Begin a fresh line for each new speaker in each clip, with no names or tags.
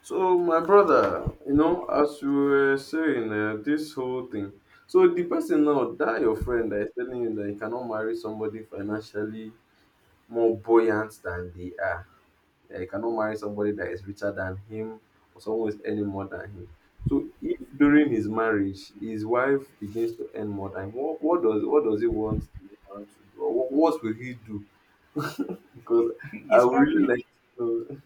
So, my brother, you know, as you were saying, this whole thing. So, the person now, that your friend that is telling you that you cannot marry somebody financially more buoyant than they are, that you cannot marry somebody that is richer than him or someone who is earning more than him. So, if during his marriage his wife begins to earn more than him, what does he want the woman to do, or what will he do? Because I
It's
would really
probably
like to know.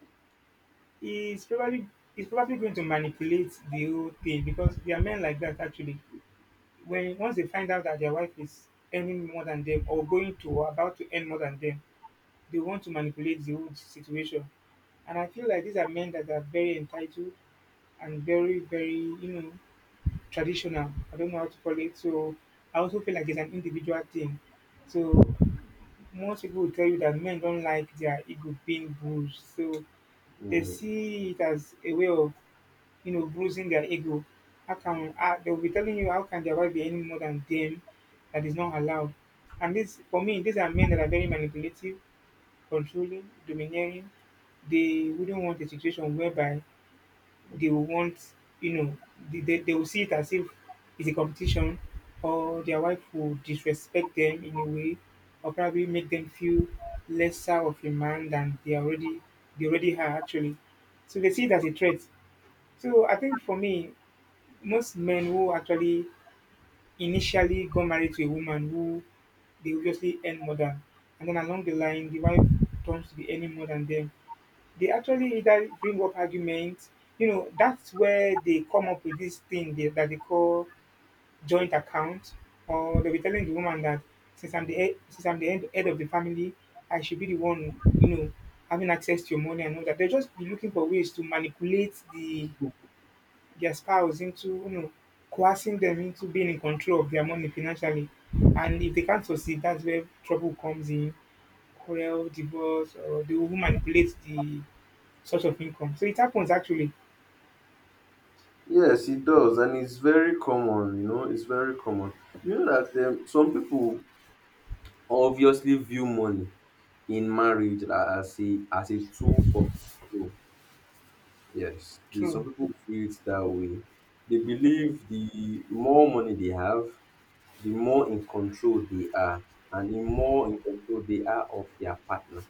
it's probably it's probably going to manipulate the whole thing because there are men like that actually. When once they find out that their wife is earning more than them or going to or about to earn more than them, they want to manipulate the whole situation. And I feel like these are men that are very entitled and very, very, traditional. I don't know how to call it. So I also feel like it's an individual thing. So most people will tell you that men don't like their ego being bruised. So they see it as a way of bruising their ego. How can, they'll be telling you, how can their wife be any more than them? That is not allowed? And this for me, these are men that are very manipulative, controlling, domineering. They wouldn't want a situation whereby they will want, you know, they will see it as if it's a competition, or their wife will disrespect them in a way, or probably make them feel lesser of a man than they already are actually. So they see it as a threat. So I think for me, most men who actually initially got married to a woman who they obviously earn more than, and then along the line the wife turns to be earning more than them, they actually either bring up arguments. You know, that's where they come up with this thing that they call joint account, or they'll be telling the woman that since I'm the head, head of the family, I should be the one, you know, having access to your money and all that. They'll just be looking for ways to manipulate their spouse into, you know, coercing them into being in control of their money financially. And if they can't succeed, that's where trouble comes in, quarrel, divorce, or they will manipulate the source of income. So it happens actually.
Yes, it does, and it's very common, you know, it's very common. You know that some people obviously view money in marriage as a tool for control. Yes,
True.
some people feel it that way. They believe the more money they have, the more in control they are, and the more in control they are of their partner.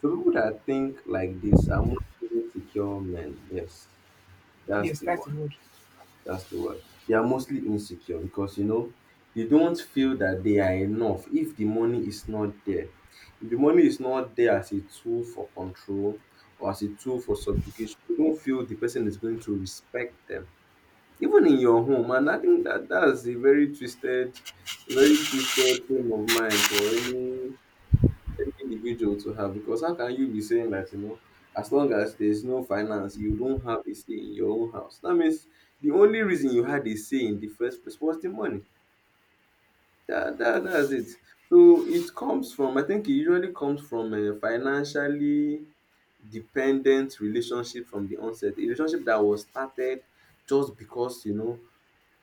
So people that think like this are mostly secure men. Yes, that's
Yes,
the
that's the
one.
word.
That's the word. They are mostly insecure because you know they don't feel that they are enough if the money is not there. If the money is not there as a tool for control or as a tool for subjugation, they don't feel the person is going to respect them. Even in your home, and I think that that's a very twisted frame of mind for any individual to have because how can you be saying that you know as long as there's no finance you don't have a say in your own house? That means the only reason you had a say in the first place was the money. That that's it. So it comes from, I think it usually comes from a financially dependent relationship from the onset, a relationship that was started just because you know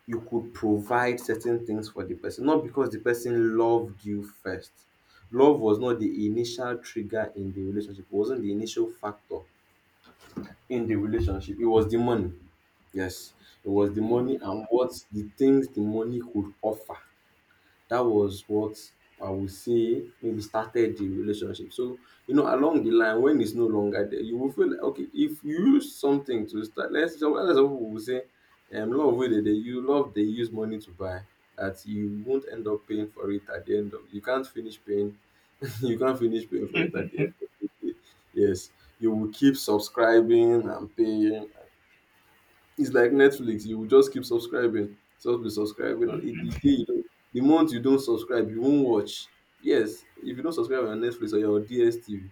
you could provide certain things for the person, not because the person loved you first. Love was not the initial trigger in the relationship, it wasn't the initial factor in the relationship, it was the money. Yes, it was the money and what the things the money could offer, that was what I would say maybe started the relationship. So, you know, along the line, when it's no longer there, you will feel like, okay, if you use something to start, let's some other people will say, love way that they you love they use money to buy, that you won't end up paying for it at the end of, you can't finish paying, you can't finish paying for it at the end
Mhm.
of the day. Yes, you will keep subscribing and paying. It's like Netflix, you will just keep subscribing, just be subscribing, and it, the day you don't, the month you don't subscribe, you won't watch. Yes, if you don't subscribe on Netflix or your DSTV,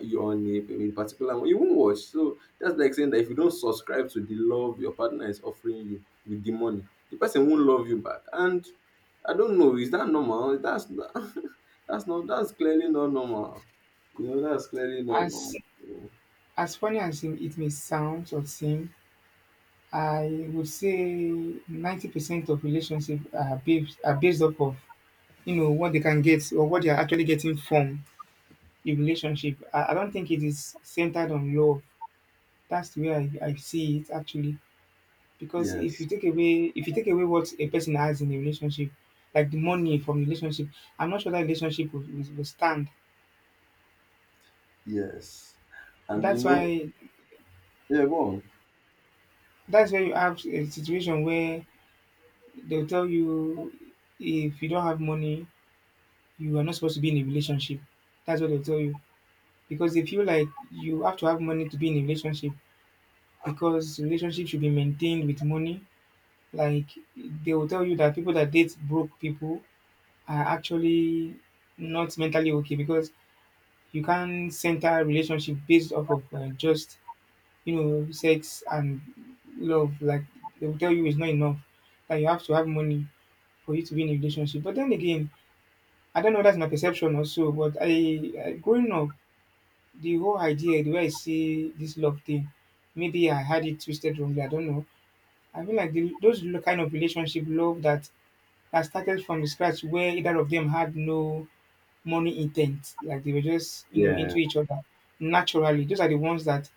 you're on a particular one, you won't watch. So that's like saying that if you don't subscribe to the love your partner is offering you with the money, the person won't love you back. And I don't know, is that normal? That's not, that's not, that's clearly not normal. You know, that's clearly not
As
normal.
as funny as it may sound or seem, I would say 90% of relationships are based off of, you know, what they can get or what they are actually getting from the relationship. I don't think it is centered on love. That's the way I see it actually. Because
Yes,
if you take away what a person has in a relationship, like the money from the relationship, I'm not sure that relationship will stand.
yes, and you
That's
know,
why
yeah, go on.
that's why you have a situation where they'll tell you, if you don't have money, you are not supposed to be in a relationship. That's what they'll tell you. Because they feel like you have to have money to be in a relationship, because relationship should be maintained with money. Like they will tell you that people that date broke people are actually not mentally okay, because you can't center relationship based off of just, you know, sex and love. Like they will tell you it's not enough. That you have to have money for you to be in a relationship. But then again, I don't know. That's my perception also. But I growing up, the whole idea, the way I see this love thing, maybe I had it twisted wrongly. I don't know. I feel like those kind of relationship love that that started from the scratch, where either of them had no money intent, like they were just, you know,
Yeah,
into each other naturally. Those are the ones that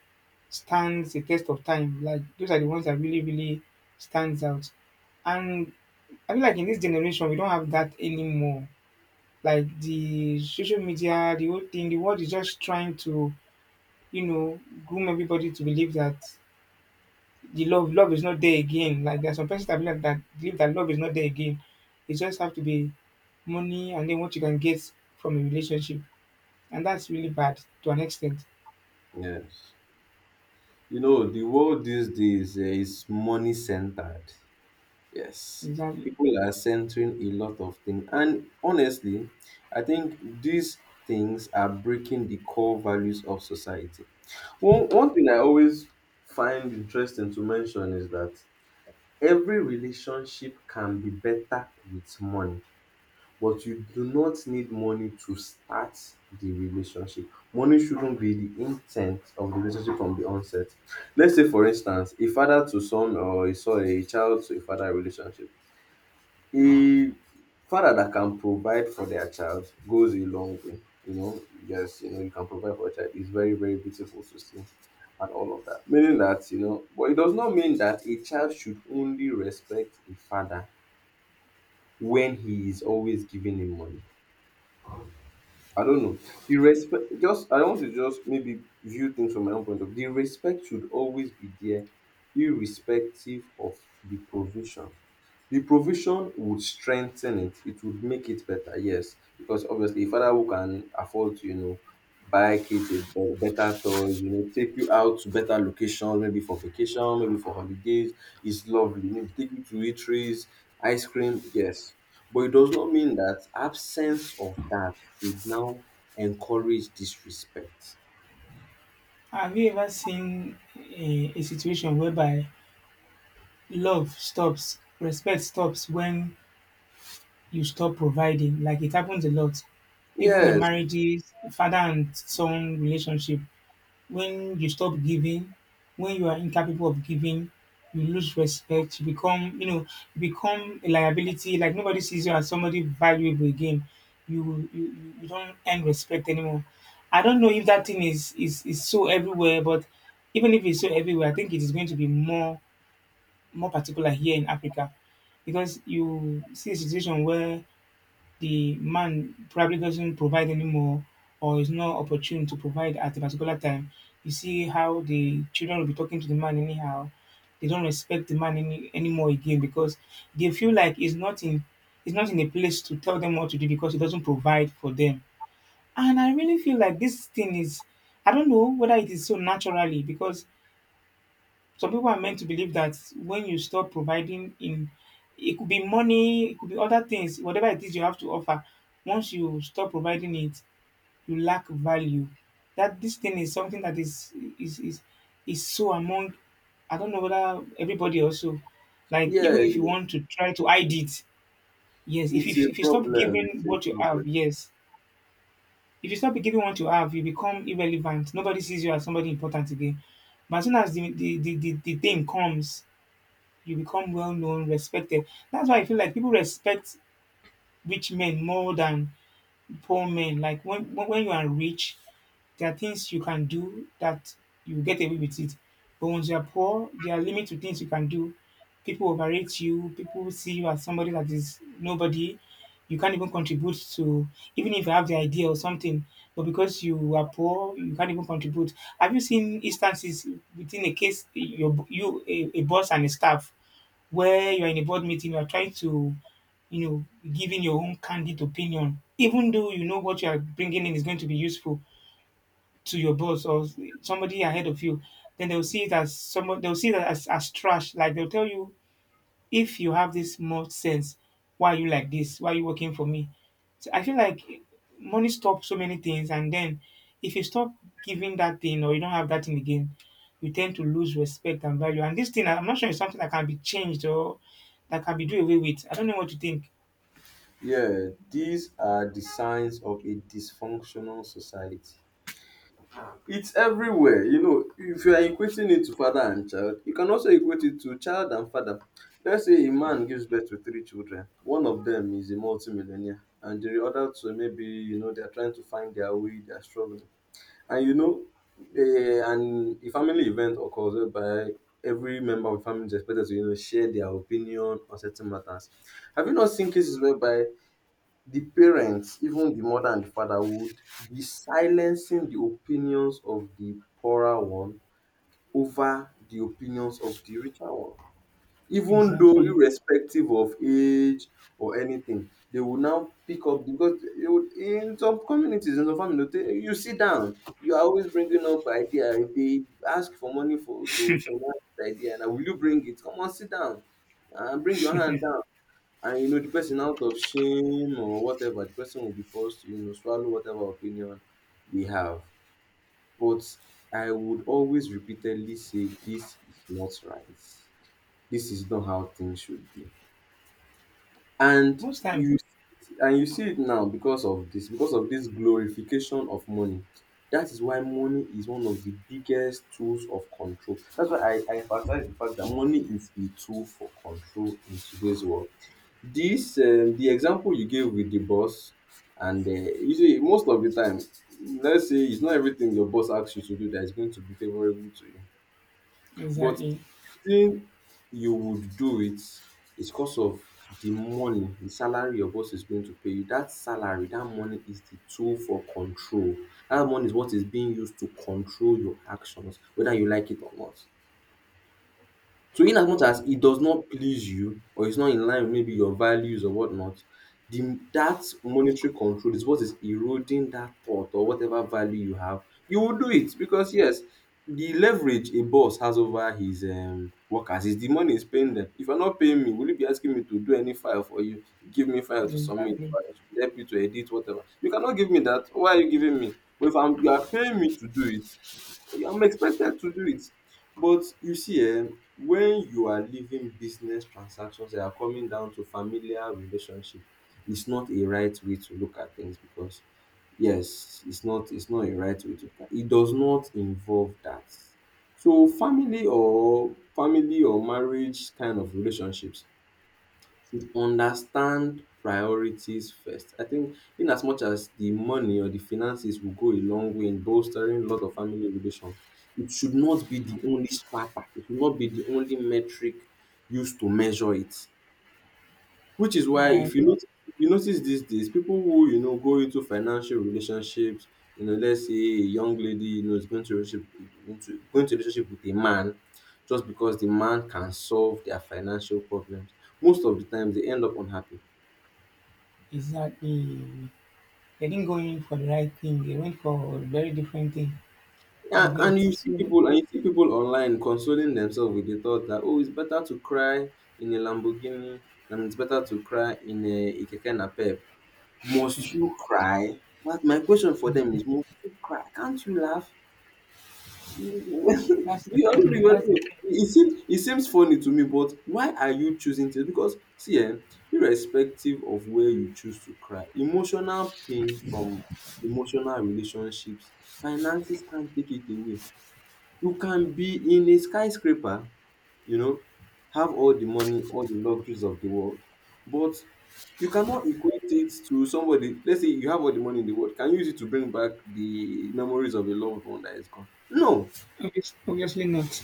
stands the test of time. Like those are the ones that really, really stands out. And I feel like in this generation we don't have that anymore. Like the social media, the whole thing, the world is just trying to, you know, groom everybody to believe that the love is not there again. Like there are some persons that believe that love is not there again. It just have to be money and then what you can get from a relationship. And that's really bad to an extent.
yes. You know, the world these days is money centered. Yes.
Exactly.
People are centering a lot of things. And honestly, I think these things are breaking the core values of society. One thing I always find interesting to mention is that every relationship can be better with money, but you do not need money to start the relationship. Money shouldn't be the intent of the relationship from the onset. Let's say, for instance, a father to son or a son, a child to a father relationship. A father that can provide for their child goes a long way. You know, yes, you know, you can provide for a child. It's very, very beautiful to see and all of that. Meaning that, you know, but it does not mean that a child should only respect a father when he is always giving him money. I don't know. The respect, just I want to just maybe view things from my own point of view. The respect should always be there, irrespective of the provision. The provision would strengthen it. It would make it better, yes. Because obviously, a father who can afford to, you know, buy kids better toys, you know, take you out to better locations, maybe for vacation, maybe for holidays, is lovely. Maybe take you to eateries, ice cream, yes. But it does not mean that absence of that should now encourage disrespect.
Have you ever seen a situation whereby love stops, respect stops when you stop providing? Like it happens a lot, even in
Yes,
marriages, father and son relationship. When you stop giving, when you are incapable of giving, you lose respect. You become, you know, you become a liability. Like nobody sees you as somebody valuable again. You don't earn respect anymore. I don't know if that thing is so everywhere, but even if it's so everywhere, I think it is going to be more particular here in Africa, because you see a situation where the man probably doesn't provide anymore or is not opportune to provide at a particular time. You see how the children will be talking to the man anyhow. They don't respect the man anymore again because they feel like he's not in a place to tell them what to do because he doesn't provide for them. And I really feel like this thing is, I don't know whether it is so naturally, because some people are meant to believe that when you stop providing in, it could be money, it could be other things, whatever it is you have to offer. Once you stop providing it, you lack value. That this thing is something that is so among, I don't know whether everybody also, like even
yes,
if you want to try to hide it, yes,
it's a
if you stop
problem.
giving
It's a
what you have,
problem.
yes. If you stop giving what you have, you become irrelevant. Nobody sees you as somebody important again. But as soon as the thing comes, you become well known, respected. That's why I feel like people respect rich men more than poor men. Like when when you are rich, there are things you can do that you get away with it. But once you are poor, there are limits to things you can do. People overrate you. People see you as somebody that is nobody. You can't even contribute to, even if you have the idea or something. But because you are poor, you can't even contribute. Have you seen instances within a case, a boss and a staff? Where you're in a board meeting, you're trying to, you know, giving your own candid opinion, even though you know what you are bringing in is going to be useful to your boss or somebody ahead of you, then they'll see it as someone, they'll see that as trash. Like they'll tell you, if you have this much sense, why are you like this? Why are you working for me? So I feel like money stops so many things, and then if you stop giving that thing or you don't have that thing again, you tend to lose respect and value. And this thing, I'm not sure it's something that can be changed or that can be do away with. I don't know what you think.
Yeah, these are the signs of a dysfunctional society. It's everywhere. You know, if you are equating it to father and child, you can also equate it to child and father. Let's say a man gives birth to three children. One of them is a multimillionaire, and the other two maybe, you know, they're trying to find their way, they're struggling. And you know, and a family event occurs whereby every member of the family is expected to, you know, share their opinion on certain matters. Have you not seen cases whereby the parents, even the mother and the father, would be silencing the opinions of the poorer one over the opinions of the richer one. Even though
Exactly.
irrespective of age or anything, they will now pick up because they would, in some communities, in some families, they'll tell you, "You sit down. You are always bringing up idea. If they ask for money for to finance the idea, now will you bring it? Come on, sit down and bring your hand down," and you know the person out of shame or whatever, the person will be forced to you know swallow whatever opinion they have. But I would always repeatedly say this is not right, this is not how things should be. And
Most times,
you, and you see it now because of this, because of this glorification of money. That is why money is one of the biggest tools of control. That's why I emphasize the fact that money is a tool for control in today's world. This, the example you gave with the boss, and you see, most of the time, let's say it's not everything your boss asks you to do that is going to be favorable to you, but
exactly,
the reason you would do it is because of the money, the salary your boss is going to pay you. That salary, that money is the tool for control. That money is what is being used to control your actions, whether you like it or not. So in as much as it does not please you or it's not in line with maybe your values or whatnot, the that monetary control is what is eroding that thought or whatever value you have. You will do it because yes, the leverage a boss has over his workers is the money he's paying them. If you're not paying me, will you be asking me to do any file for you? Give me file to submit,
exactly,
or I should help you to edit, whatever. You cannot give me that. Why are you giving me? But if you are paying me to do it, I'm expected to do it. But you see, um, when you are leaving business transactions that are coming down to familiar relationship, it's not a right way to look at things because yes, it's not a right way to look at it, does not involve that. So family or marriage kind of relationships to understand priorities first. I think in as much as the money or the finances will go a long way in bolstering a lot of family relations, it should not be the only strata. It should not be the only metric used to measure it. Which is why
I
if you
agree.
notice, you notice these days, people who you know go into financial relationships, you know, let's say a young lady, you know, is going to relationship, into going to relationship with a man just because the man can solve their financial problems, most of the times they end up unhappy.
Exactly. They didn't go in for the right thing. They went for a very different thing. You
Yeah, and
get
you see
so,
people, and you see people online consoling themselves with the thought that oh, it's better to cry in a Lamborghini, than it's better to cry in a Keke Napep. Must you cry? But my question for them is, must you cry? Can't you laugh? Do
that's the
you, I don't
point.
even
That's
know. It seems, it seems funny to me, but why are you choosing this? Because see, eh, irrespective of where you choose to cry, emotional pain from emotional relationships, finances can't take it away. You can be in a skyscraper, you know, have all the money, all the luxuries of the world, but you cannot equate it to somebody. Let's say you have all the money in the world. Can you use it to bring back the memories of a loved one that is gone? No.
obviously, obviously not.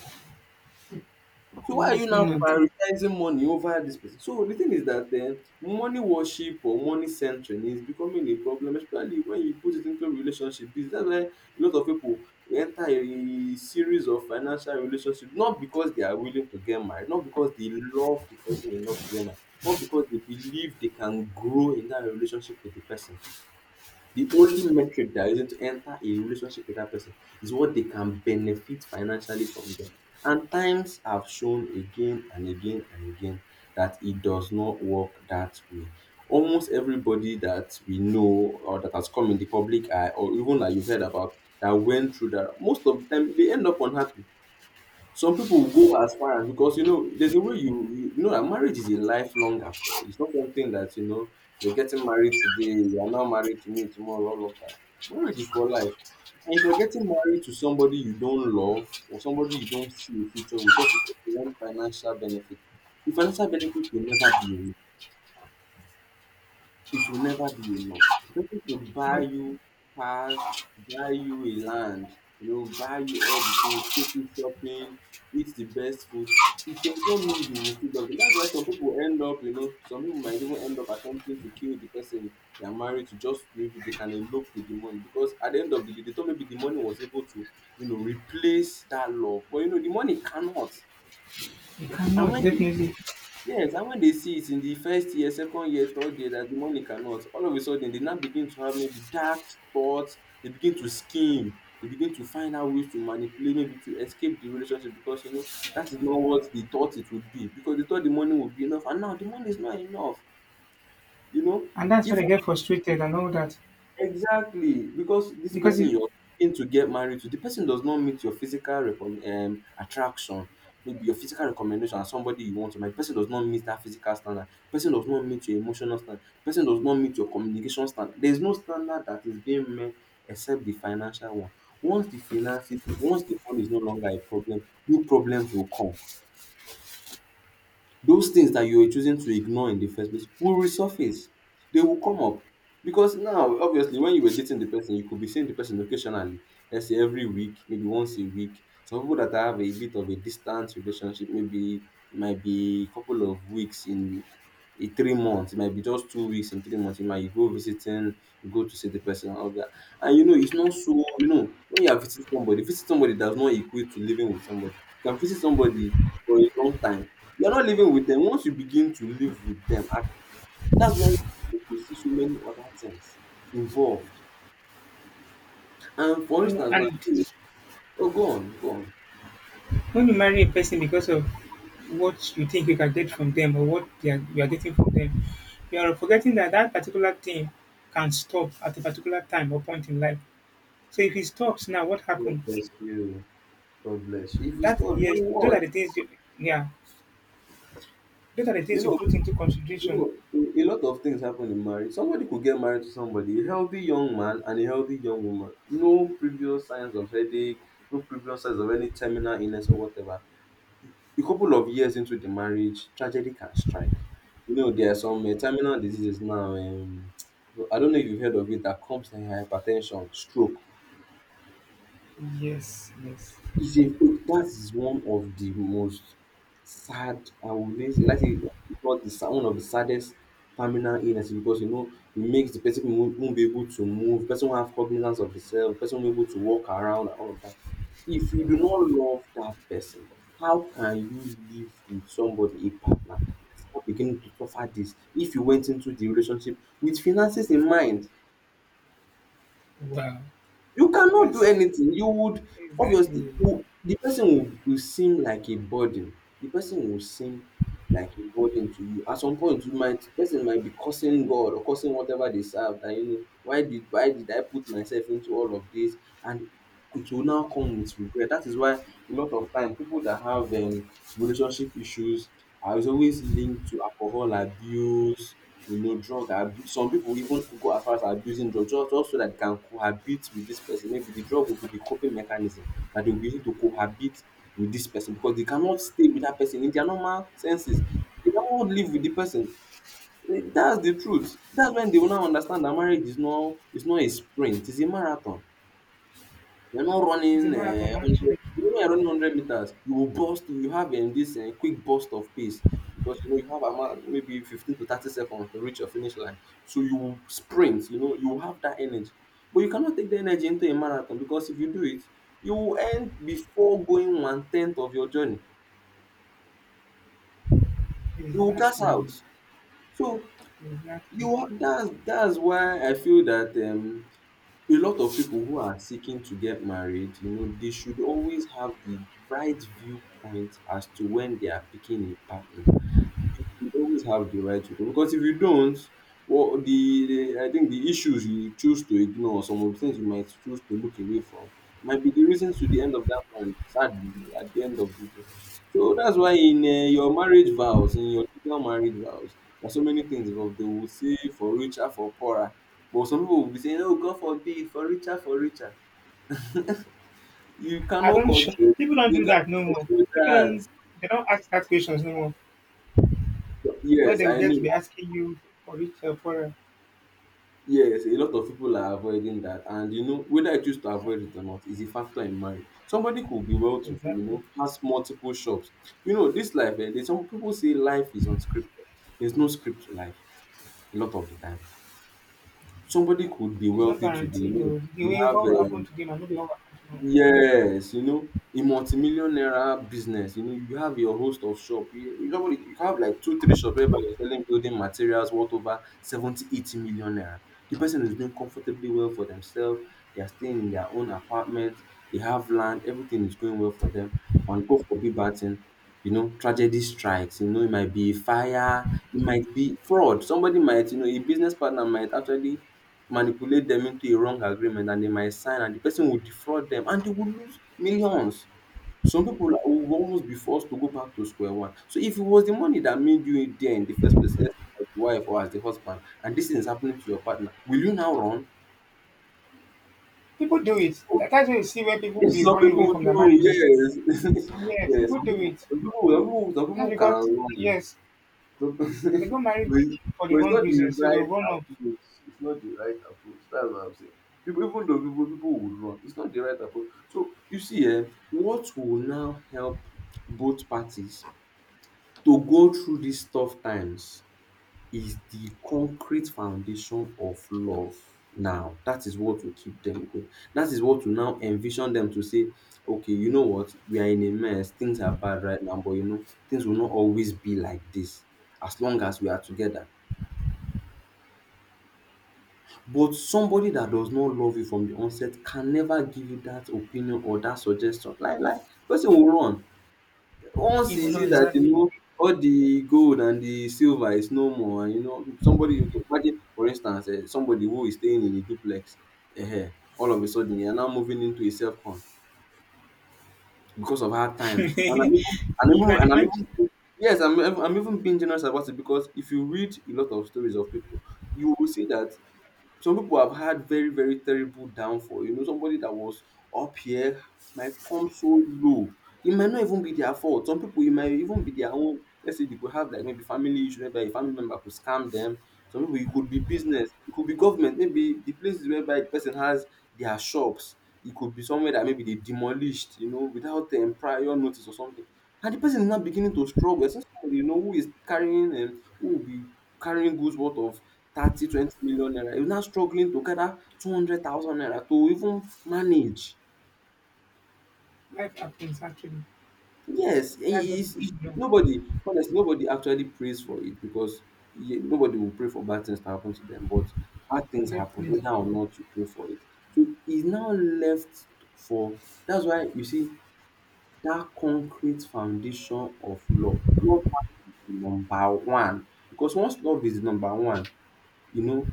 So why are you
Obviously
now
not.
prioritizing money over this person? So the thing is that money worship or money centering is becoming a problem, especially when you put it into relationship. Business. That's why a lot of people enter a series of financial relationship, not because they are willing to get married, not because they love the person enough to get married, not because they believe they can grow in that relationship with the person. The only metric that is going to enter a relationship with that person is what they can benefit financially from them. And times have shown again and again and again that it does not work that way. Almost everybody that we know or that has come in the public eye, or even that you've heard about, that went through that, most of the time they end up unhappy. Some people will go as far as, because you know there's a way you know that marriage is a lifelong affair. It's not something that, you know, you're getting married today, you are now married to me tomorrow, all of that. Marriage is for life. And if you're getting married to somebody you don't love or somebody you don't see a future with just because you want financial benefit, the financial benefit will never be enough. It will never be enough. People could buy
But
you cars, buy you a land, you know, buy you all the things, take you shopping, eat the best food. It does not mean you will still love them. That's why some people end up, you know, some people might even end up attempting to kill the person they are married to, just maybe they can elope with the money, because at the end of the day, they thought maybe the money was able to, you know, replace that love. But you know, the money cannot.
you
And
cannot
when they,
definitely,
yes, and when they see it in the first year, second year, third year that the money cannot, all of a sudden they now begin to have maybe dark thoughts, they begin to scheme, they begin to find out ways to manipulate, maybe to escape the relationship, because you know that is not what they thought it would be. Because they thought the money would be enough, and now the money is not enough, you know.
and that's when I
Even,
get frustrated and all that
exactly, because this
because
person
it,
you're looking to get married to, the person does not meet your physical attraction, maybe your physical recommendation as somebody you want to marry. The person does not meet that physical standard. The person does not meet your emotional standard. The person does not meet your communication standard. There is no standard that is being met except the financial one. Once the finances, once the money is no longer a problem, new problems will come. Those things that you were choosing to ignore in the first place will resurface. They will come up. Because now, obviously, when you were dating the person, you could be seeing the person occasionally. Let's say every week, maybe once a week. Some people that have a bit of a distance relationship, maybe it might be a couple of weeks in a 3 months, it might be just 2 weeks in 3 months. You go visiting, you go to see the person and all that. And you know, it's not so, you know, when you are visiting somebody, visit somebody does not equate to living with somebody. You can visit somebody for a long time, you're not living with them. Once you begin to live with them, and that's when you will see so many other things involved. And for
and,
instance, now,
and
you- oh, go on, go on.
when you marry a person because of what you think you can get from them or what you are getting from them, you are forgetting that that particular thing can stop at a particular time or point in life. So if it stops now, what
God
happens?
bless you. God bless you. If you
That
stop,
yes,
then
those
what?
are the things. You, yeah, those are the
You
things you
know,
put into
you
consideration.
know, a lot of things happen in marriage. Somebody could get married to somebody, a healthy young man and a healthy young woman. No previous signs of headache, no previous signs of any terminal illness or whatever. A couple of years into the marriage, tragedy can strike. You know, there are some terminal diseases now. I don't know if you've heard of it, that comes in hypertension, stroke,
Yes, yes.
it's a that is one of the most sad, I would say, let's say, if not the sad, one of the saddest terminal illness, because you know it makes the person who won't be able to move, person won't have cognizance of the self, person won't be able to walk around and all of that. If you do not love that person, how can you live with somebody, a partner, that's now beginning to suffer this? If you went into the relationship with finances in mind,
Wow,
you cannot do
that's
anything. You would, obviously,
exactly.
you, the person will seem like a burden. The person will seem like a burden to you. At some point, you might, person might be cursing God or cursing whatever they serve. That, you know, why did I put myself into all of this? And it will now come with regret. That is why a lot of time people that have relationship issues are always linked to alcohol abuse, you know, drug abuse. Some pipu even go as far as abusing drug just so dat dey can cohabit with dis pesin. Maybe the drug go be the coping mechanism na dey go use to cohabit with dis pesin because dey cannot stay with dat pesin in their normal senses. Dey cannot live with the pesin. Dats the truth. Dats wen dey will now understand dat marriage is not a sprint, is a marathon. You're not running
It's a marathon, actually.
100, even when you're running 100 meters, you will burst, you have this quick burst of pace, because you know you have about maybe 15 to 30 seconds to reach your finish line. So you will sprint, you know, you will have that energy. But you cannot take the energy into a marathon, because if you do it, you will end before going one tenth of your journey. You will gas
Exactly.
out. So you
Exactly.
ha- that's why I feel that a lot of people who are seeking to get married, you know, they should always have the right viewpoint as to when they are picking a partner. You always have the right to, because if you don't, well, the I think the issues you choose to ignore, some of the things you might choose to look away from, might be the reasons to the end of that marriage. Sadly, at the end of the day, so that's why in your marriage vows, in your legal marriage vows, there are so many things involved. They will say for richer, for poorer, but some people will be saying, "Oh, God forbid, for richer, for richer." You
I
cannot
don't sh-
control.
People don't
You
do
cannot
that no more.
control
People don't
that.
They don't ask that questions no more.
So,
Where
yes,
they will
I
get to be
know.
asking you for it, for
Yes, a lot of people are avoiding that. And you know, whether I choose to avoid it or not is a factor in marriage. Somebody could be well to do, you
exactly.
know, has multiple shops. You know, this life, eh, there's some people say life is unscripted. There's no script to life a lot of the time. Somebody could be
It's not
wealthy today. You
guaranteed
know,
though. The
you
way
have
what will happen
eh,
today might not be what will happen tomorrow.
yes, you know, in multi-million naira business, you know, you have your host of shop. You normally you have like two, three shops whereby you're selling building materials worth over 70, 80 million naira. The person is doing comfortably well for themselves. They are staying in their own apartment. They have land. Everything is going well for them. And go for big batting. You know, tragedy strikes. You know, it might be fire. It might be fraud. Somebody might, you know, a business partner might actually manipulate them into a wrong agreement and they might sign and the person will defraud them and they will lose millions. Some people like, will almost be forced to go back to square one. So if it was the money that made you there in the first place, let's say as the wife or as the husband, and this is happening to your partner, will you now run?
People do it. That- That's why you see where people will
Yes,
be
some
running away
people
from their
do,
marriages.
yes.
Yes,
Yes,
people
some
do
people,
it.
some people, some people, some
That's
people can
because
run.
yes,
So,
they got married for the
but it's
wrong
not the
reason, so they'll
right
run off.
approach. It's not the right approach. That's what I'm saying. People, even though people would run, it's not the right approach. So you see, eh, what will now help both parties to go through these tough times? Is the concrete foundation of love now. That is what will keep them going. That is what will now envision them to say, okay, you know what, we are in a mess, things are bad right now, but things will not always be like this as long as we are together. But somebody that does not love you from the onset can never give you that opinion or that suggestion. The person will run.
You
Once
will
you
know
see that,
exactly.
all the gold and the silver is no more, and if somebody, you can imagine, for instance, somebody who is staying in a duplex, eh, all of a sudden, you're now moving into a self-con because of hard times. And
You
I'm even, and even,
can
and I'm
imagine.
even, yes, I'm even being generous about it, because if you read a lot of stories of people, you will see that some people have had very, very terrible downfall. Somebody that was up here might come so low. It might not even be their fault. Some people, it might even be their own. Let's say they could have, like, maybe family issue whereby a family member could scam them. Some people, it could be business, it could be government. Maybe the places whereby the person has their shops, it could be somewhere that maybe they demolished, without prior notice or something, and the person is now beginning to struggle. Since somebody, who is carrying and who will be carrying goods worth of 30 20 million naira, you're now struggling to gather 200,000 naira to even manage.
Life happens actually.
Yes,
That's what people should know.
nobody, honestly, nobody actually prays for it because nobody will pray for bad things to happen to them. But bad things happen,
Definitely.
whether or not you pray for it. So it's now left for that's why you see that concrete foundation of love. Love has to be number one, because once love is number one, you know,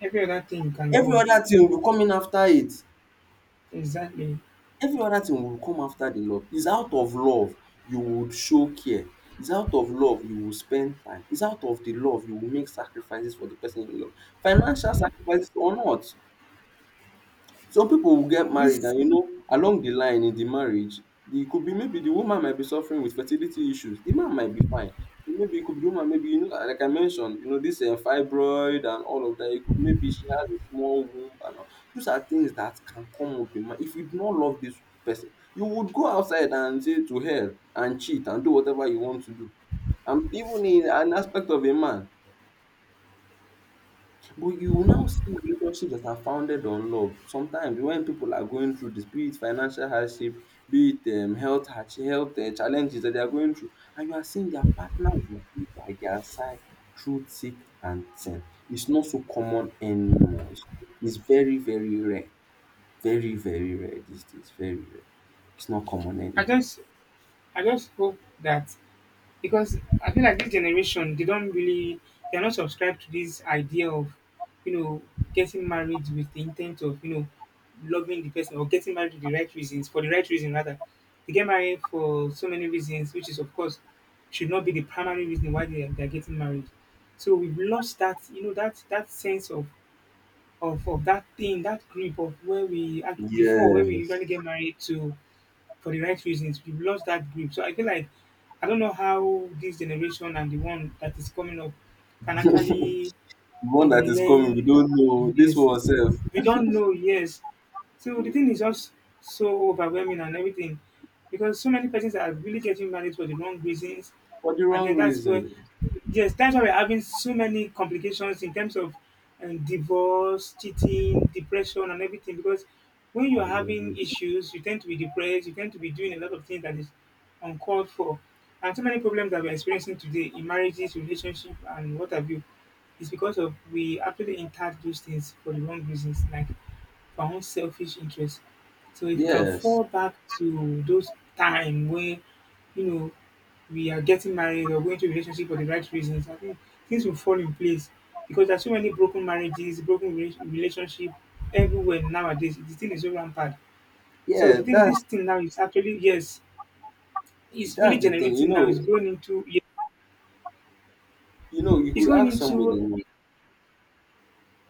Every other thing can
every
grow.
other thing will be coming after it.
Exactly.
Every oda thing will come after di love. Is out of love you would show care, is out of love you will spend time, is out of di love you will make sacrifices for di person you love, financial sacrifices or not. Some people will get married,
This,
and along the line in the marriage, it could be maybe the woman might be suffering with fertility issues. The man might be fine. Maybe it could be the woman, maybe, like I mentioned, this fibroid and all of that. It could maybe she has a small womb and all. Those are things that can come up in mind. If you do not love this person, you would go outside and say to hell and cheat and do whatever you want to do. And even in an aspect of a man, but you will now see relationships that are founded on love. Sometimes when people are going through this, be it financial hardship, be it health challenges that they are going through, and you are seeing their partner will be by their side through thick and thin. It's not so common anymore. It's very, very rare. Very, very rare these days. Very rare. It's not common
I
anymore.
just I just hope that, because I feel like this generation they don't really, they're not subscribed to this idea of, you know, getting married with the intent of, you know, loving the person or getting married with the right reasons, for the right reason rather. They get married for so many reasons, which is of course should not be the primary reason why they are getting married. So we've lost that, you know, that sense of that thing, that grip of where before where we
Yes.
usually get married to for the right reasons. We've lost that grip. So I feel like I don't know how this generation and the one that is coming up can actually
The one that is coming, we
unlearn.
don't know. This
Yes,
one self
we don't know. Yes, so the thing is just so overwhelming and everything, because so many persons are really getting married for the wrong reasons,
for the
and
wrong
then that's where,
reason.
yes, that's why we're having so many complications in terms of divorce, cheating, depression and everything, because when you are having
Hallelujah.
issues you tend to be depressed, you tend to be doing a lot of things that is uncalled for, and so many problems that we're experiencing today in marriages, relationship and what have you. It's because of we actually entered those things for the wrong reasons, like for our own selfish interest. So if we can
Yes.
fall back to those time where you know we are getting married or going to a relationship for the right reasons, I think things will fall in place, because there's so many broken marriages, broken relationship everywhere nowadays. The thing is so rampant. So the
Yeah,
thing, this
that's
thing now is actually, yes, it's really
that's the thing.
generating now. It's going into, yeah,
You
it's
could
going
ask somebody.
into,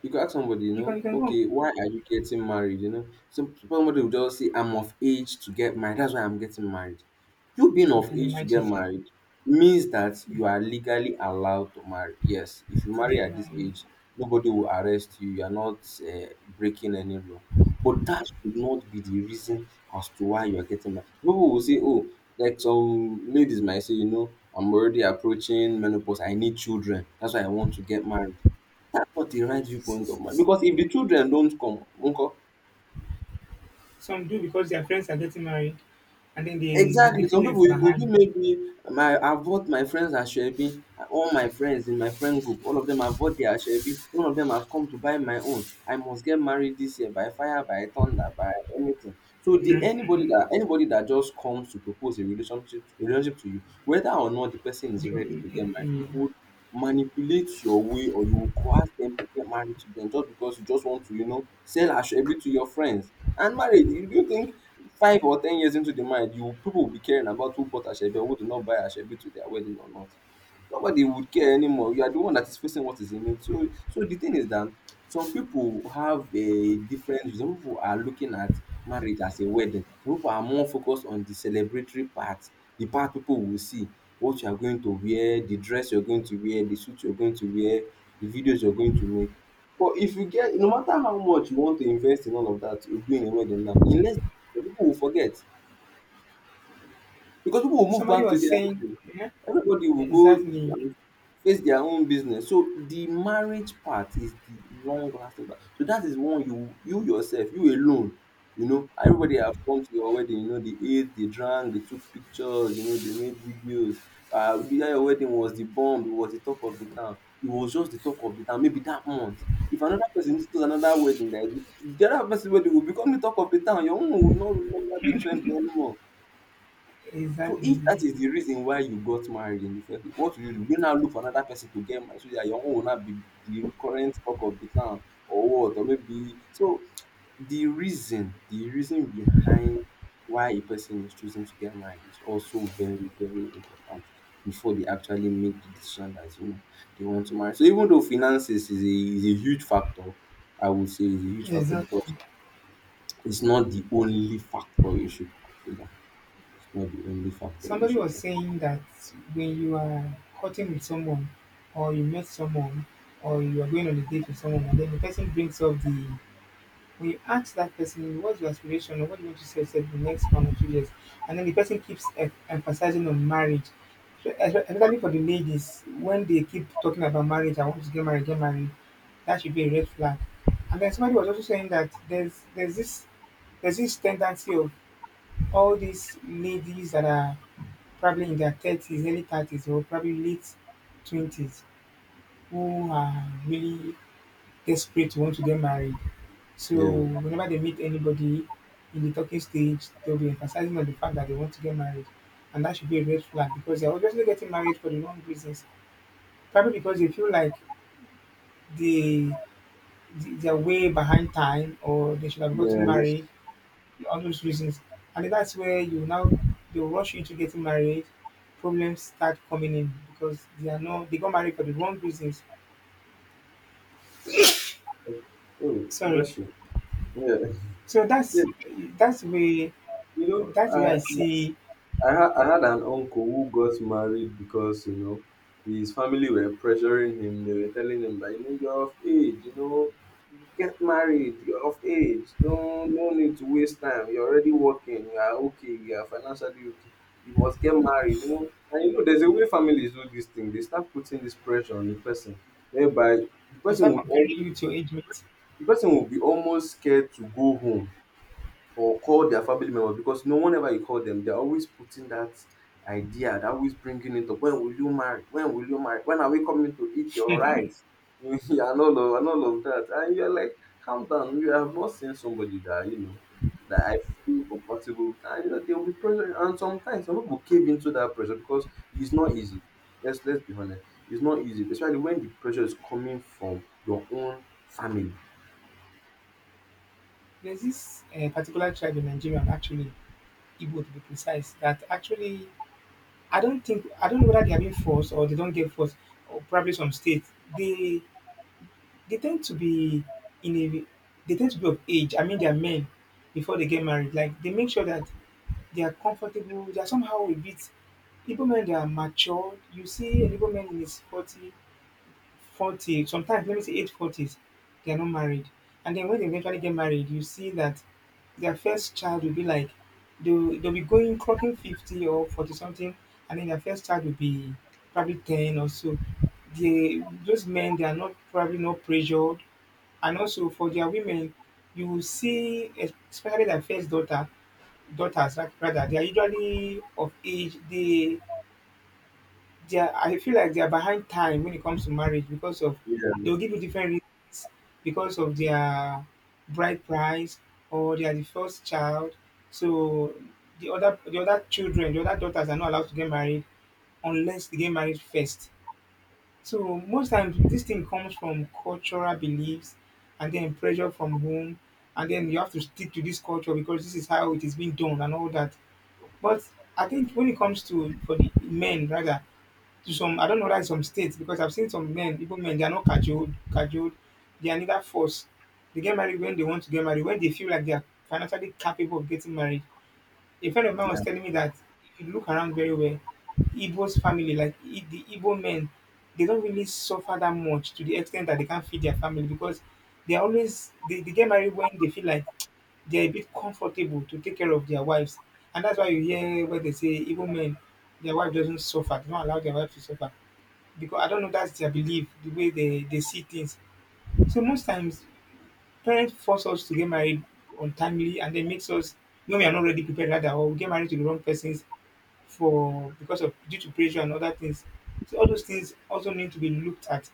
You could ask somebody,
you can you can go.
okay, why are you getting married? Somebody will just say, I'm of age to get married. That's why I'm getting married. You being
You
of
can
age to
imagine
get married means that you are legally allowed to marry. Yes, if you
to
marry
get
at this
married.
age, nobody will arrest you. You are not breaking any law. But that should not be the reason as to why you are getting married. People will say, oh, like some ladies might say, I'm already approaching menopause. I need children. That's why I want to get married. Dat one dey write viewpoint of my, because if de children don't come, nko?
Some do because their friends are getting married, and then they
Exactly. Some
feel left
people, you could be
behind.
maybe my I vote my friends Asoebi. All my friends in my friend group, all of them have vote their Asoebi. None of them have come to buy my own. I must get married this year by fire, by thunder, by anything. So the anybody that just comes to propose a relationship to you, whether or not the person
They,
is ready to get married, you
eh,
would manipulate your way or you will coerce them to get married to them just because you just want to, sell Asoebi to your friends. And marriage, you think 5 or 10 years into the marriage you people will be caring about who bought asoebi or who did not buy asoebi to their wedding or not? Nobody would care anymore. You are the one that is facing what is in it. So the thing is that some people have a different some people are looking at marriage as a wedding. Some people are more focused on the celebratory part, the part people will see: what you are going to wear, the dress you are going to wear, the suit you are going to wear, the videos you are going to make. But if you get no matter how much you want to invest in all of that in doing a wedding, now, unless, people will forget, because people will move
somebody
back to
was
their
saying,
life.
yeah,
Everybody will go
exactly,
and face their own business. So the marriage part is the long lasting part. So that is one you yourself, you alone. You know, everybody have come to your wedding, they ate, they drank, they took pictures, they made videos. The day your wedding was the bomb, it was the talk of the town. It was just the talk of the town, maybe that month. If another person goes to another wedding, that the other person's wedding will become the talk of the town. Your own will no longer be trending anymore. So
exactly,
if that is the reason why you got married in the first place, what will you do? Will you now look for another person to get married so that your own will not be the current talk of the town or what? Or maybe so, the reason behind why a person is choosing to get married is also very, very important before they actually make the decision that they want to marry. So, even though finances is a huge factor, I would say is a huge factor,
exactly.
because it's not the only factor you should consider. It's not the only factor you
Somebody
should
was
consider.
saying that when you are cutting with someone, or you met someone, or you are going on a date with someone, and then the person brings up the we ask that person, what's your aspiration or what do you want to say in the next 1 or 2 years? And then the person keeps emphasizing on marriage. So especially for the ladies, when they keep talking about marriage, I want to get married, get married, that should be a red flag. And then somebody was also saying that there's this tendency of all these ladies that are probably in their 30s, early 30s, or probably late 20s, who are really desperate to want to get married. So
Yeah.
whenever they meet anybody in the talking stage, they'll be emphasizing on the fact that they want to get married. And that should be a red flag because they're obviously getting married for the wrong reasons. Probably because they feel like they, they're way behind time, or they should have gotten
Yeah, yes.
married, all those reasons. And then that's where you now, they will rush you to getting married. Problems start coming in because they are not, they got married for the wrong reasons.
Oh,
Sorry.
bless you. Yeah.
So
Yeah.
that's the way,
You know,
that's the way I
I
see.
I had an uncle who got married because, his family were pressuring him. They were telling him that, you're of age, get married, you're of age. Don't no need to waste time. You're already working, you are okay, you are financially okay. You must get married. And there's a way families do this thing. They start putting this pressure on the person whereby
They start comparing you to your age mates.
the person will be almost scared to go home or call their family members, because no one ever you call them, they're always putting that idea, they're always bringing it up: when will you marry, when will you marry, when are we coming to eat your rice? Yeah, and all of that, and you're like, calm down, you have not seen somebody that that I feel comfortable with, and they will be pressure. And sometimes some people cave into that pressure, because it's not easy. Let's be honest, it's not easy, especially when the pressure is coming from your own family.
There's this particular tribe in Nigeria, actually, Igbo to be precise, that actually, I don't know whether they are being forced or they don't get forced, or probably some states. They tend to be in a, they tend to be of age. I mean, they are men before they get married. Like they make sure that they are comfortable. They are somehow a bit. Igbo men they are mature. You see an Igbo man in his 40 40, sometimes let me say age 40s, they're not married. And then when they eventually get married, you see that their first child will be like they'll be going clocking 50 or 40 something, and then their first child will be probably 10 or so. They, those men, they are not probably not pressured. And also for their women, you will see, especially their first daughters like rather, they are usually of age. They are, I feel like they are behind time when it comes to marriage because of they'll give you different reasons, because of their bride price, or they are the first child. So the other children, the other daughters are not allowed to get married unless they get married first. So most times this thing comes from cultural beliefs and then pressure from home, and then you have to stick to this culture because this is how it is being done and all that. But I think when it comes to for the men rather, to some, I don't know that in some states, because I've seen some men, even men, they are not cajoled. They are neither forced. They get married when they want to get married, when they feel like they are financially capable of getting married. A friend of mine was telling me that if you look around very well, Igbo's family, like the Igbo men, they don't really suffer that much to the extent that they can't feed their family, because they get married when they feel like they're a bit comfortable to take care of their wives. And that's why you hear where they say Igbo men, their wife doesn't suffer, they don't allow their wife to suffer, because I don't know, that's their belief, the way they see things. So most times parents force us to get married untimely, and then makes us, no, we are not ready, prepared rather, or we get married to the wrong persons for because of due to pressure and other things. So all those things also need to be looked at.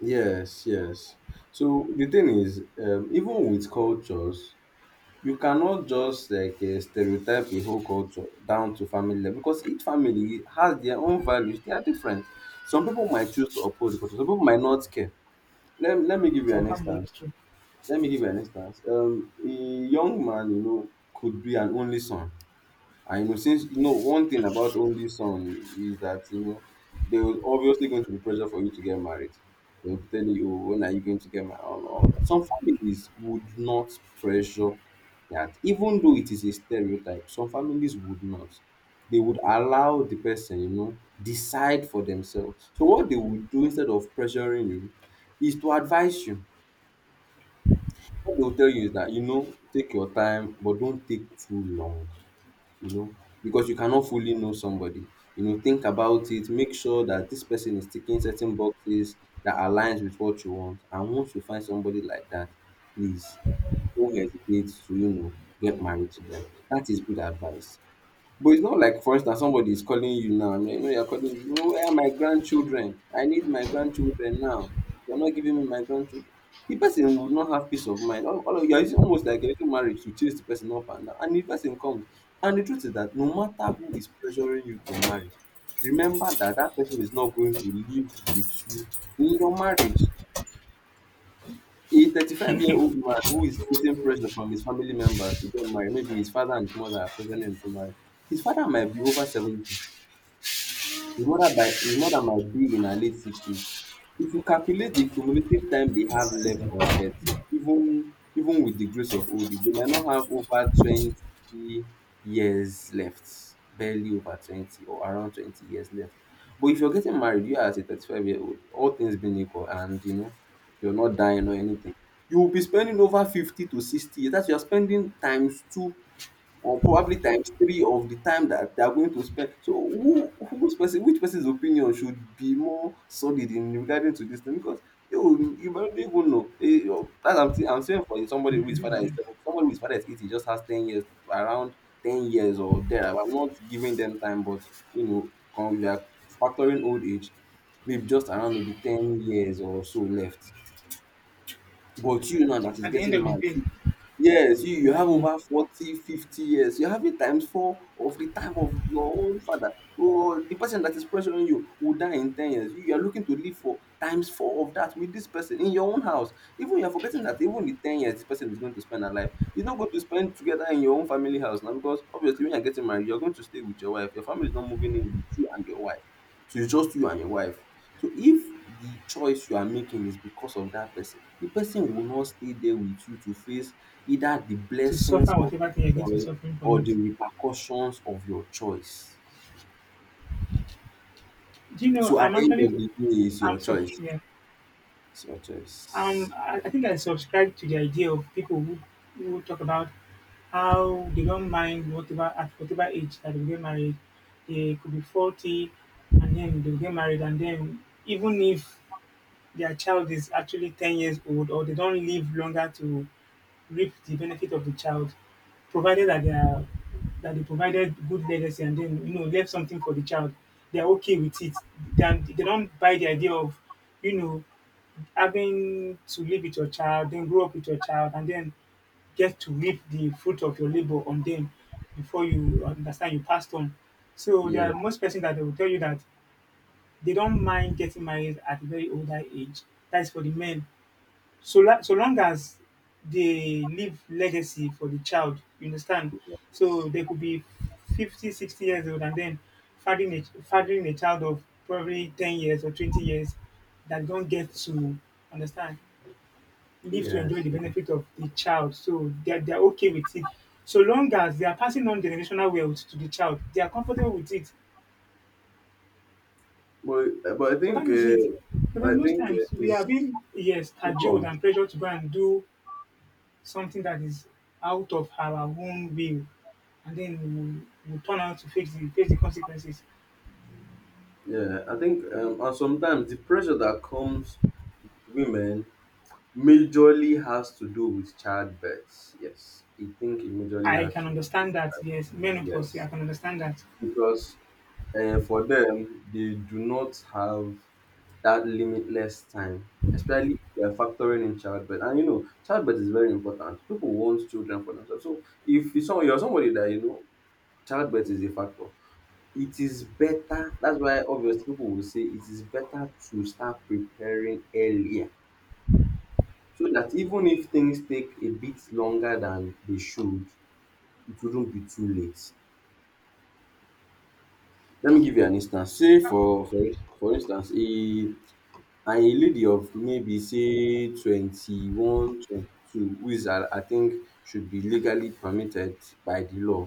Yes, yes. So the thing is, even with cultures, you cannot just like stereotype a whole culture down to family level, because each family has their own values. They are different. Some people might choose to uphold the culture. Some people might not care. Let me give you
Some
an
family is
instance.
true.
Let me give you an instance. A young man, could be an only son. And since you know one thing about only son is that there was obviously going to be pressure for you to get married. They'll be telling you, oh, when are you going to get married? All of that. Some families would not pressure that, even though it is a stereotype. Some families would not. They would allow the person decide for themselves. So what they would do instead of pressuring you is to advise you. What they'll tell you is that take your time, but don't take too long you know because you cannot fully know somebody. Think about it. Make sure that this person is ticking certain boxes that aligns with what you want. And once you find somebody like that, please don't hesitate to get married to them. That is good advice. But it's not like, for instance, somebody is calling you now. I mean, you're calling where are my grandchildren? I need my grandchildren now. You're not giving me my grandchildren. The person would not have peace of mind. You're using almost like a little marriage to chase the person up and down. And the person comes. And the truth is that no matter who is pressuring you to marry, remember that that person is not going to live with you in your marriage. A 35-year-old man who is facing pressure from his family members to get married, maybe his father and his mother are pressuring him to marry. His father might be over 70. His mother might be in her late 60s. If you calculate the cumulative time they have left on earth, even with the grace of old age, they might not have over 20 years left. Barely over 20 or around 20 years left. But if you're getting married, you are as a 35-year-old, all things being equal, and you're not dying or anything, you will be spending over 50 to 60 years. That's You're spending times two or probably times three of the time that they are going to spend. So who whose person which person's opinion should be more solid in regarding to this thing? Because you might not even know. That's I'm saying, for somebody who is father is seven, somebody who is father is 80 just has 10 years around 10 years or there. I'm not giving them time, but we are factoring old age, maybe just around maybe 10 years or so left. But you now that is
At the end
getting
of the
mad.
day,
Yes, you have
exactly,
over 40, 50 years. You have it times four of the time of your own father. So the person that is pressuring you will die in 10 years. You are looking to live for times four of that with this person in your own house. Even you're forgetting that even the 10 years this person is going to spend her life, you're not going to spend together in your own family house now because obviously when you're getting married, you're going to stay with your wife. Your family is not moving in with you and your wife. So it's just you and your wife. So if the choice you are making is because of that person, the person will not stay there with you to face either the
to suffer
blessings of
whatever thing you're
your
going to be
choice
suffering from
or the
it.
repercussions of your choice.
Do you know
So at the end of the day, it's your
I'm sorry,
choice.
yeah.
It's your choice.
I think I subscribe to the idea of people who talk about how they don't mind whatever, at whatever age that they get married. They could be 40, and then they get married, and then even if their child is actually 10 years old, or they don't live longer to reap the benefit of the child, provided that they are that they provided good legacy and then left something for the child, they are okay with it. Then they don't buy the idea of you know having to live with your child, then grow up with your child, and then get to reap the fruit of your labor on them before you understand you passed on. So there are
Yes.
most person that they will tell you that they don't mind getting married at a very older age. That's for the men. So so long as they leave legacy for the child, you understand? So they could be 50, 60 years old, and then fathering a child of probably 10 years or 20 years, that don't get to understand, live to
Yes.
enjoy the
Yeah.
benefit of the child. So they're okay with it. So long as they are passing on generational wealth to the child, they are comfortable with it.
But
So that is it. Because
I
most
think
times we are
it's
being, yes,
Oh, go
cajoled
on.
and pressured to go and do something that is out of our own will. And then we turn out to face face the consequences.
Yeah. I think and sometimes the pressure that comes with women majorly has to do with childbirth. Yes, I think it majorly
I
has
can
to do.
understand that, yes, menopause, yeah, I
Yes,
can understand that.
because and for them, they do not have that limitless time, especially if they're factoring in childbirth. And childbirth is very important. People want children for themselves. So if it's you're somebody that childbirth is a factor, it is better. That's why obviously people will say it is better to start preparing earlier. So that even if things take a bit longer than they should, it wouldn't be too late. Let me give you an instance. Say for instance, a and a lady of maybe say 21, twenty who is, I think, should be legally permitted by the law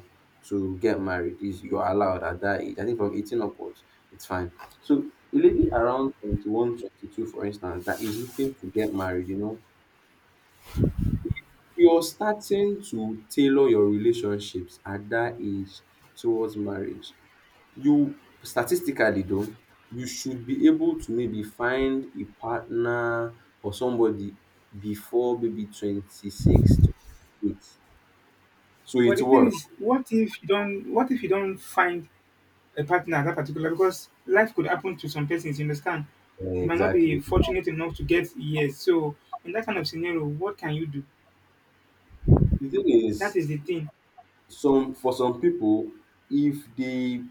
to get married. Is you're allowed at that age. I think from 18 upwards, it's fine. So a lady around 21, 22, for instance, that is looking to get married, you're starting to tailor your relationships at that age towards marriage. You Statistically though, you should be able to maybe find a partner or somebody before maybe 26 to eight. So
But
it
the thing
works.
is, what if you don't find a partner at that particular, because life could happen to some persons, you understand? They might not be
Exactly.
fortunate enough to get years. So in that kind of scenario, what can you do?
The thing
That
is,
is the thing.
some for some people, if they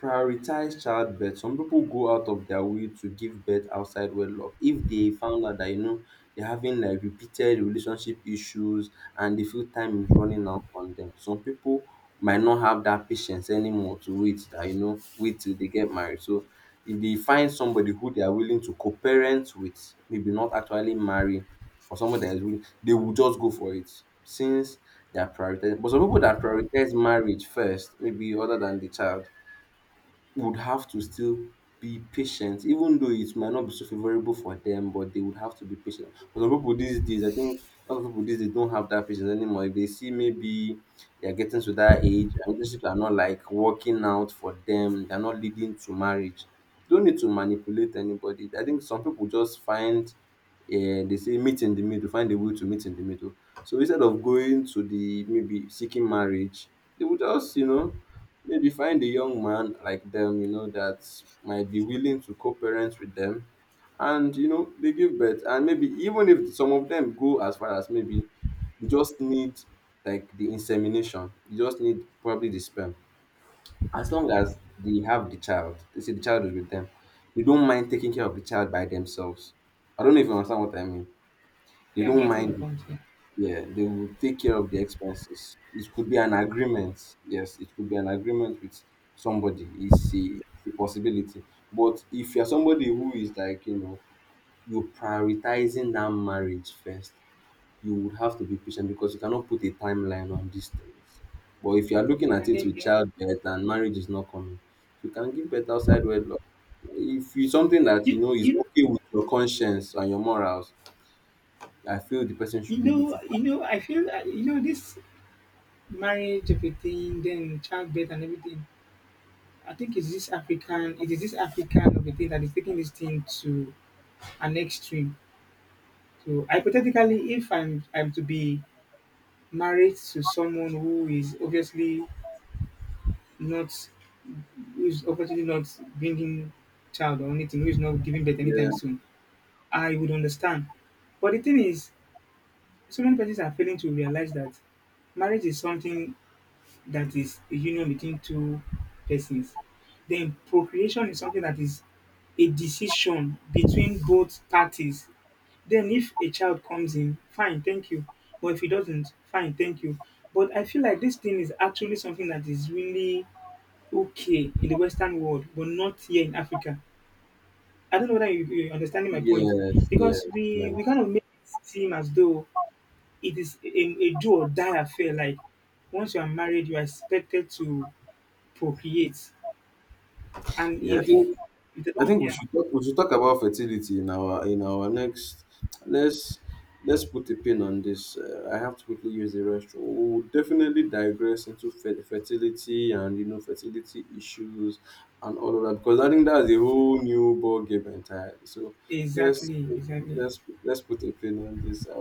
prioritize childbirth, some people go out of their way to give birth outside wedlock if they found out that they're having like repeated relationship issues, and they feel time is running out on them. Some people might not have that patience anymore to wait that wait till they get married. So if they find somebody who they are willing to co-parent with, maybe not actually marry, or someone that is willing, they will just go for it since they are prioritized. But some people that prioritize marriage first, maybe other than the child, would have to still be patient, even though it might not be so favorable for them, but they would have to be patient. But some people these days, I think a lot of people these days don't have that patience anymore. If they see maybe they're getting to that age and relationships are not like working out for them, they're not leading to marriage. Don't need to manipulate anybody. I think some people just find uh, they say meet in the middle, find a way to meet in the middle. So instead of going to the maybe seeking marriage, they would just, maybe find a young man like them, that might be willing to co-parent with them. And, they give birth. And maybe even if some of them go as far as maybe you just need like the insemination, you just need probably the sperm. As long as they have the child, they say the child is with them, they don't mind taking care of the child by themselves. I don't know if you understand what I mean. They
Yeah, I'm
don't
getting the
mind.
point here.
Yeah, they will take care of the expenses. It could be an agreement. Yes, it could be an agreement with somebody. It's a possibility. But if you're somebody who is like, you're prioritizing that marriage first, you would have to be patient because you cannot put a timeline on these things. But if you're looking at
And
it
then
with
there,
childbirth and marriage is not coming, you can give birth outside wedlock. If it's something that you
you,
know is
you
okay with your conscience and your morals, I feel the person should be able to.
you know I feel, this marriage everything, then childbirth and everything. I think it's this African of a thing that is taking this thing to an extreme. So hypothetically, if I'm to be married to someone not who is obviously not bringing child or anything, who is not giving birth anytime
Yeah.
soon, I would understand. But the thing is, so many persons are failing to realize that marriage is something that is a union between two persons. Then procreation is something that is a decision between both parties. Then if a child comes in, fine, thank you. But if he doesn't, fine, thank you. But I feel like this thing is actually something that is really okay in the Western world, but not here in Africa. I don't know whether you're understanding my point,
Yes, yes,
because we
yes.
kind of make it seem as though it is a do or die affair. Like once you are married, you are expected to procreate, and
Yeah, I
if
think
if they
I
don't,
think we
yeah,
should talk we should talk about fertility in our next. Let's let's put a pin on this. I have to quickly use the restroom. We'll definitely digress into fertility and fertility issues and all of that because I think that's a whole new ball game entirely. So let's
exactly, exactly.
let's put a pin on this. I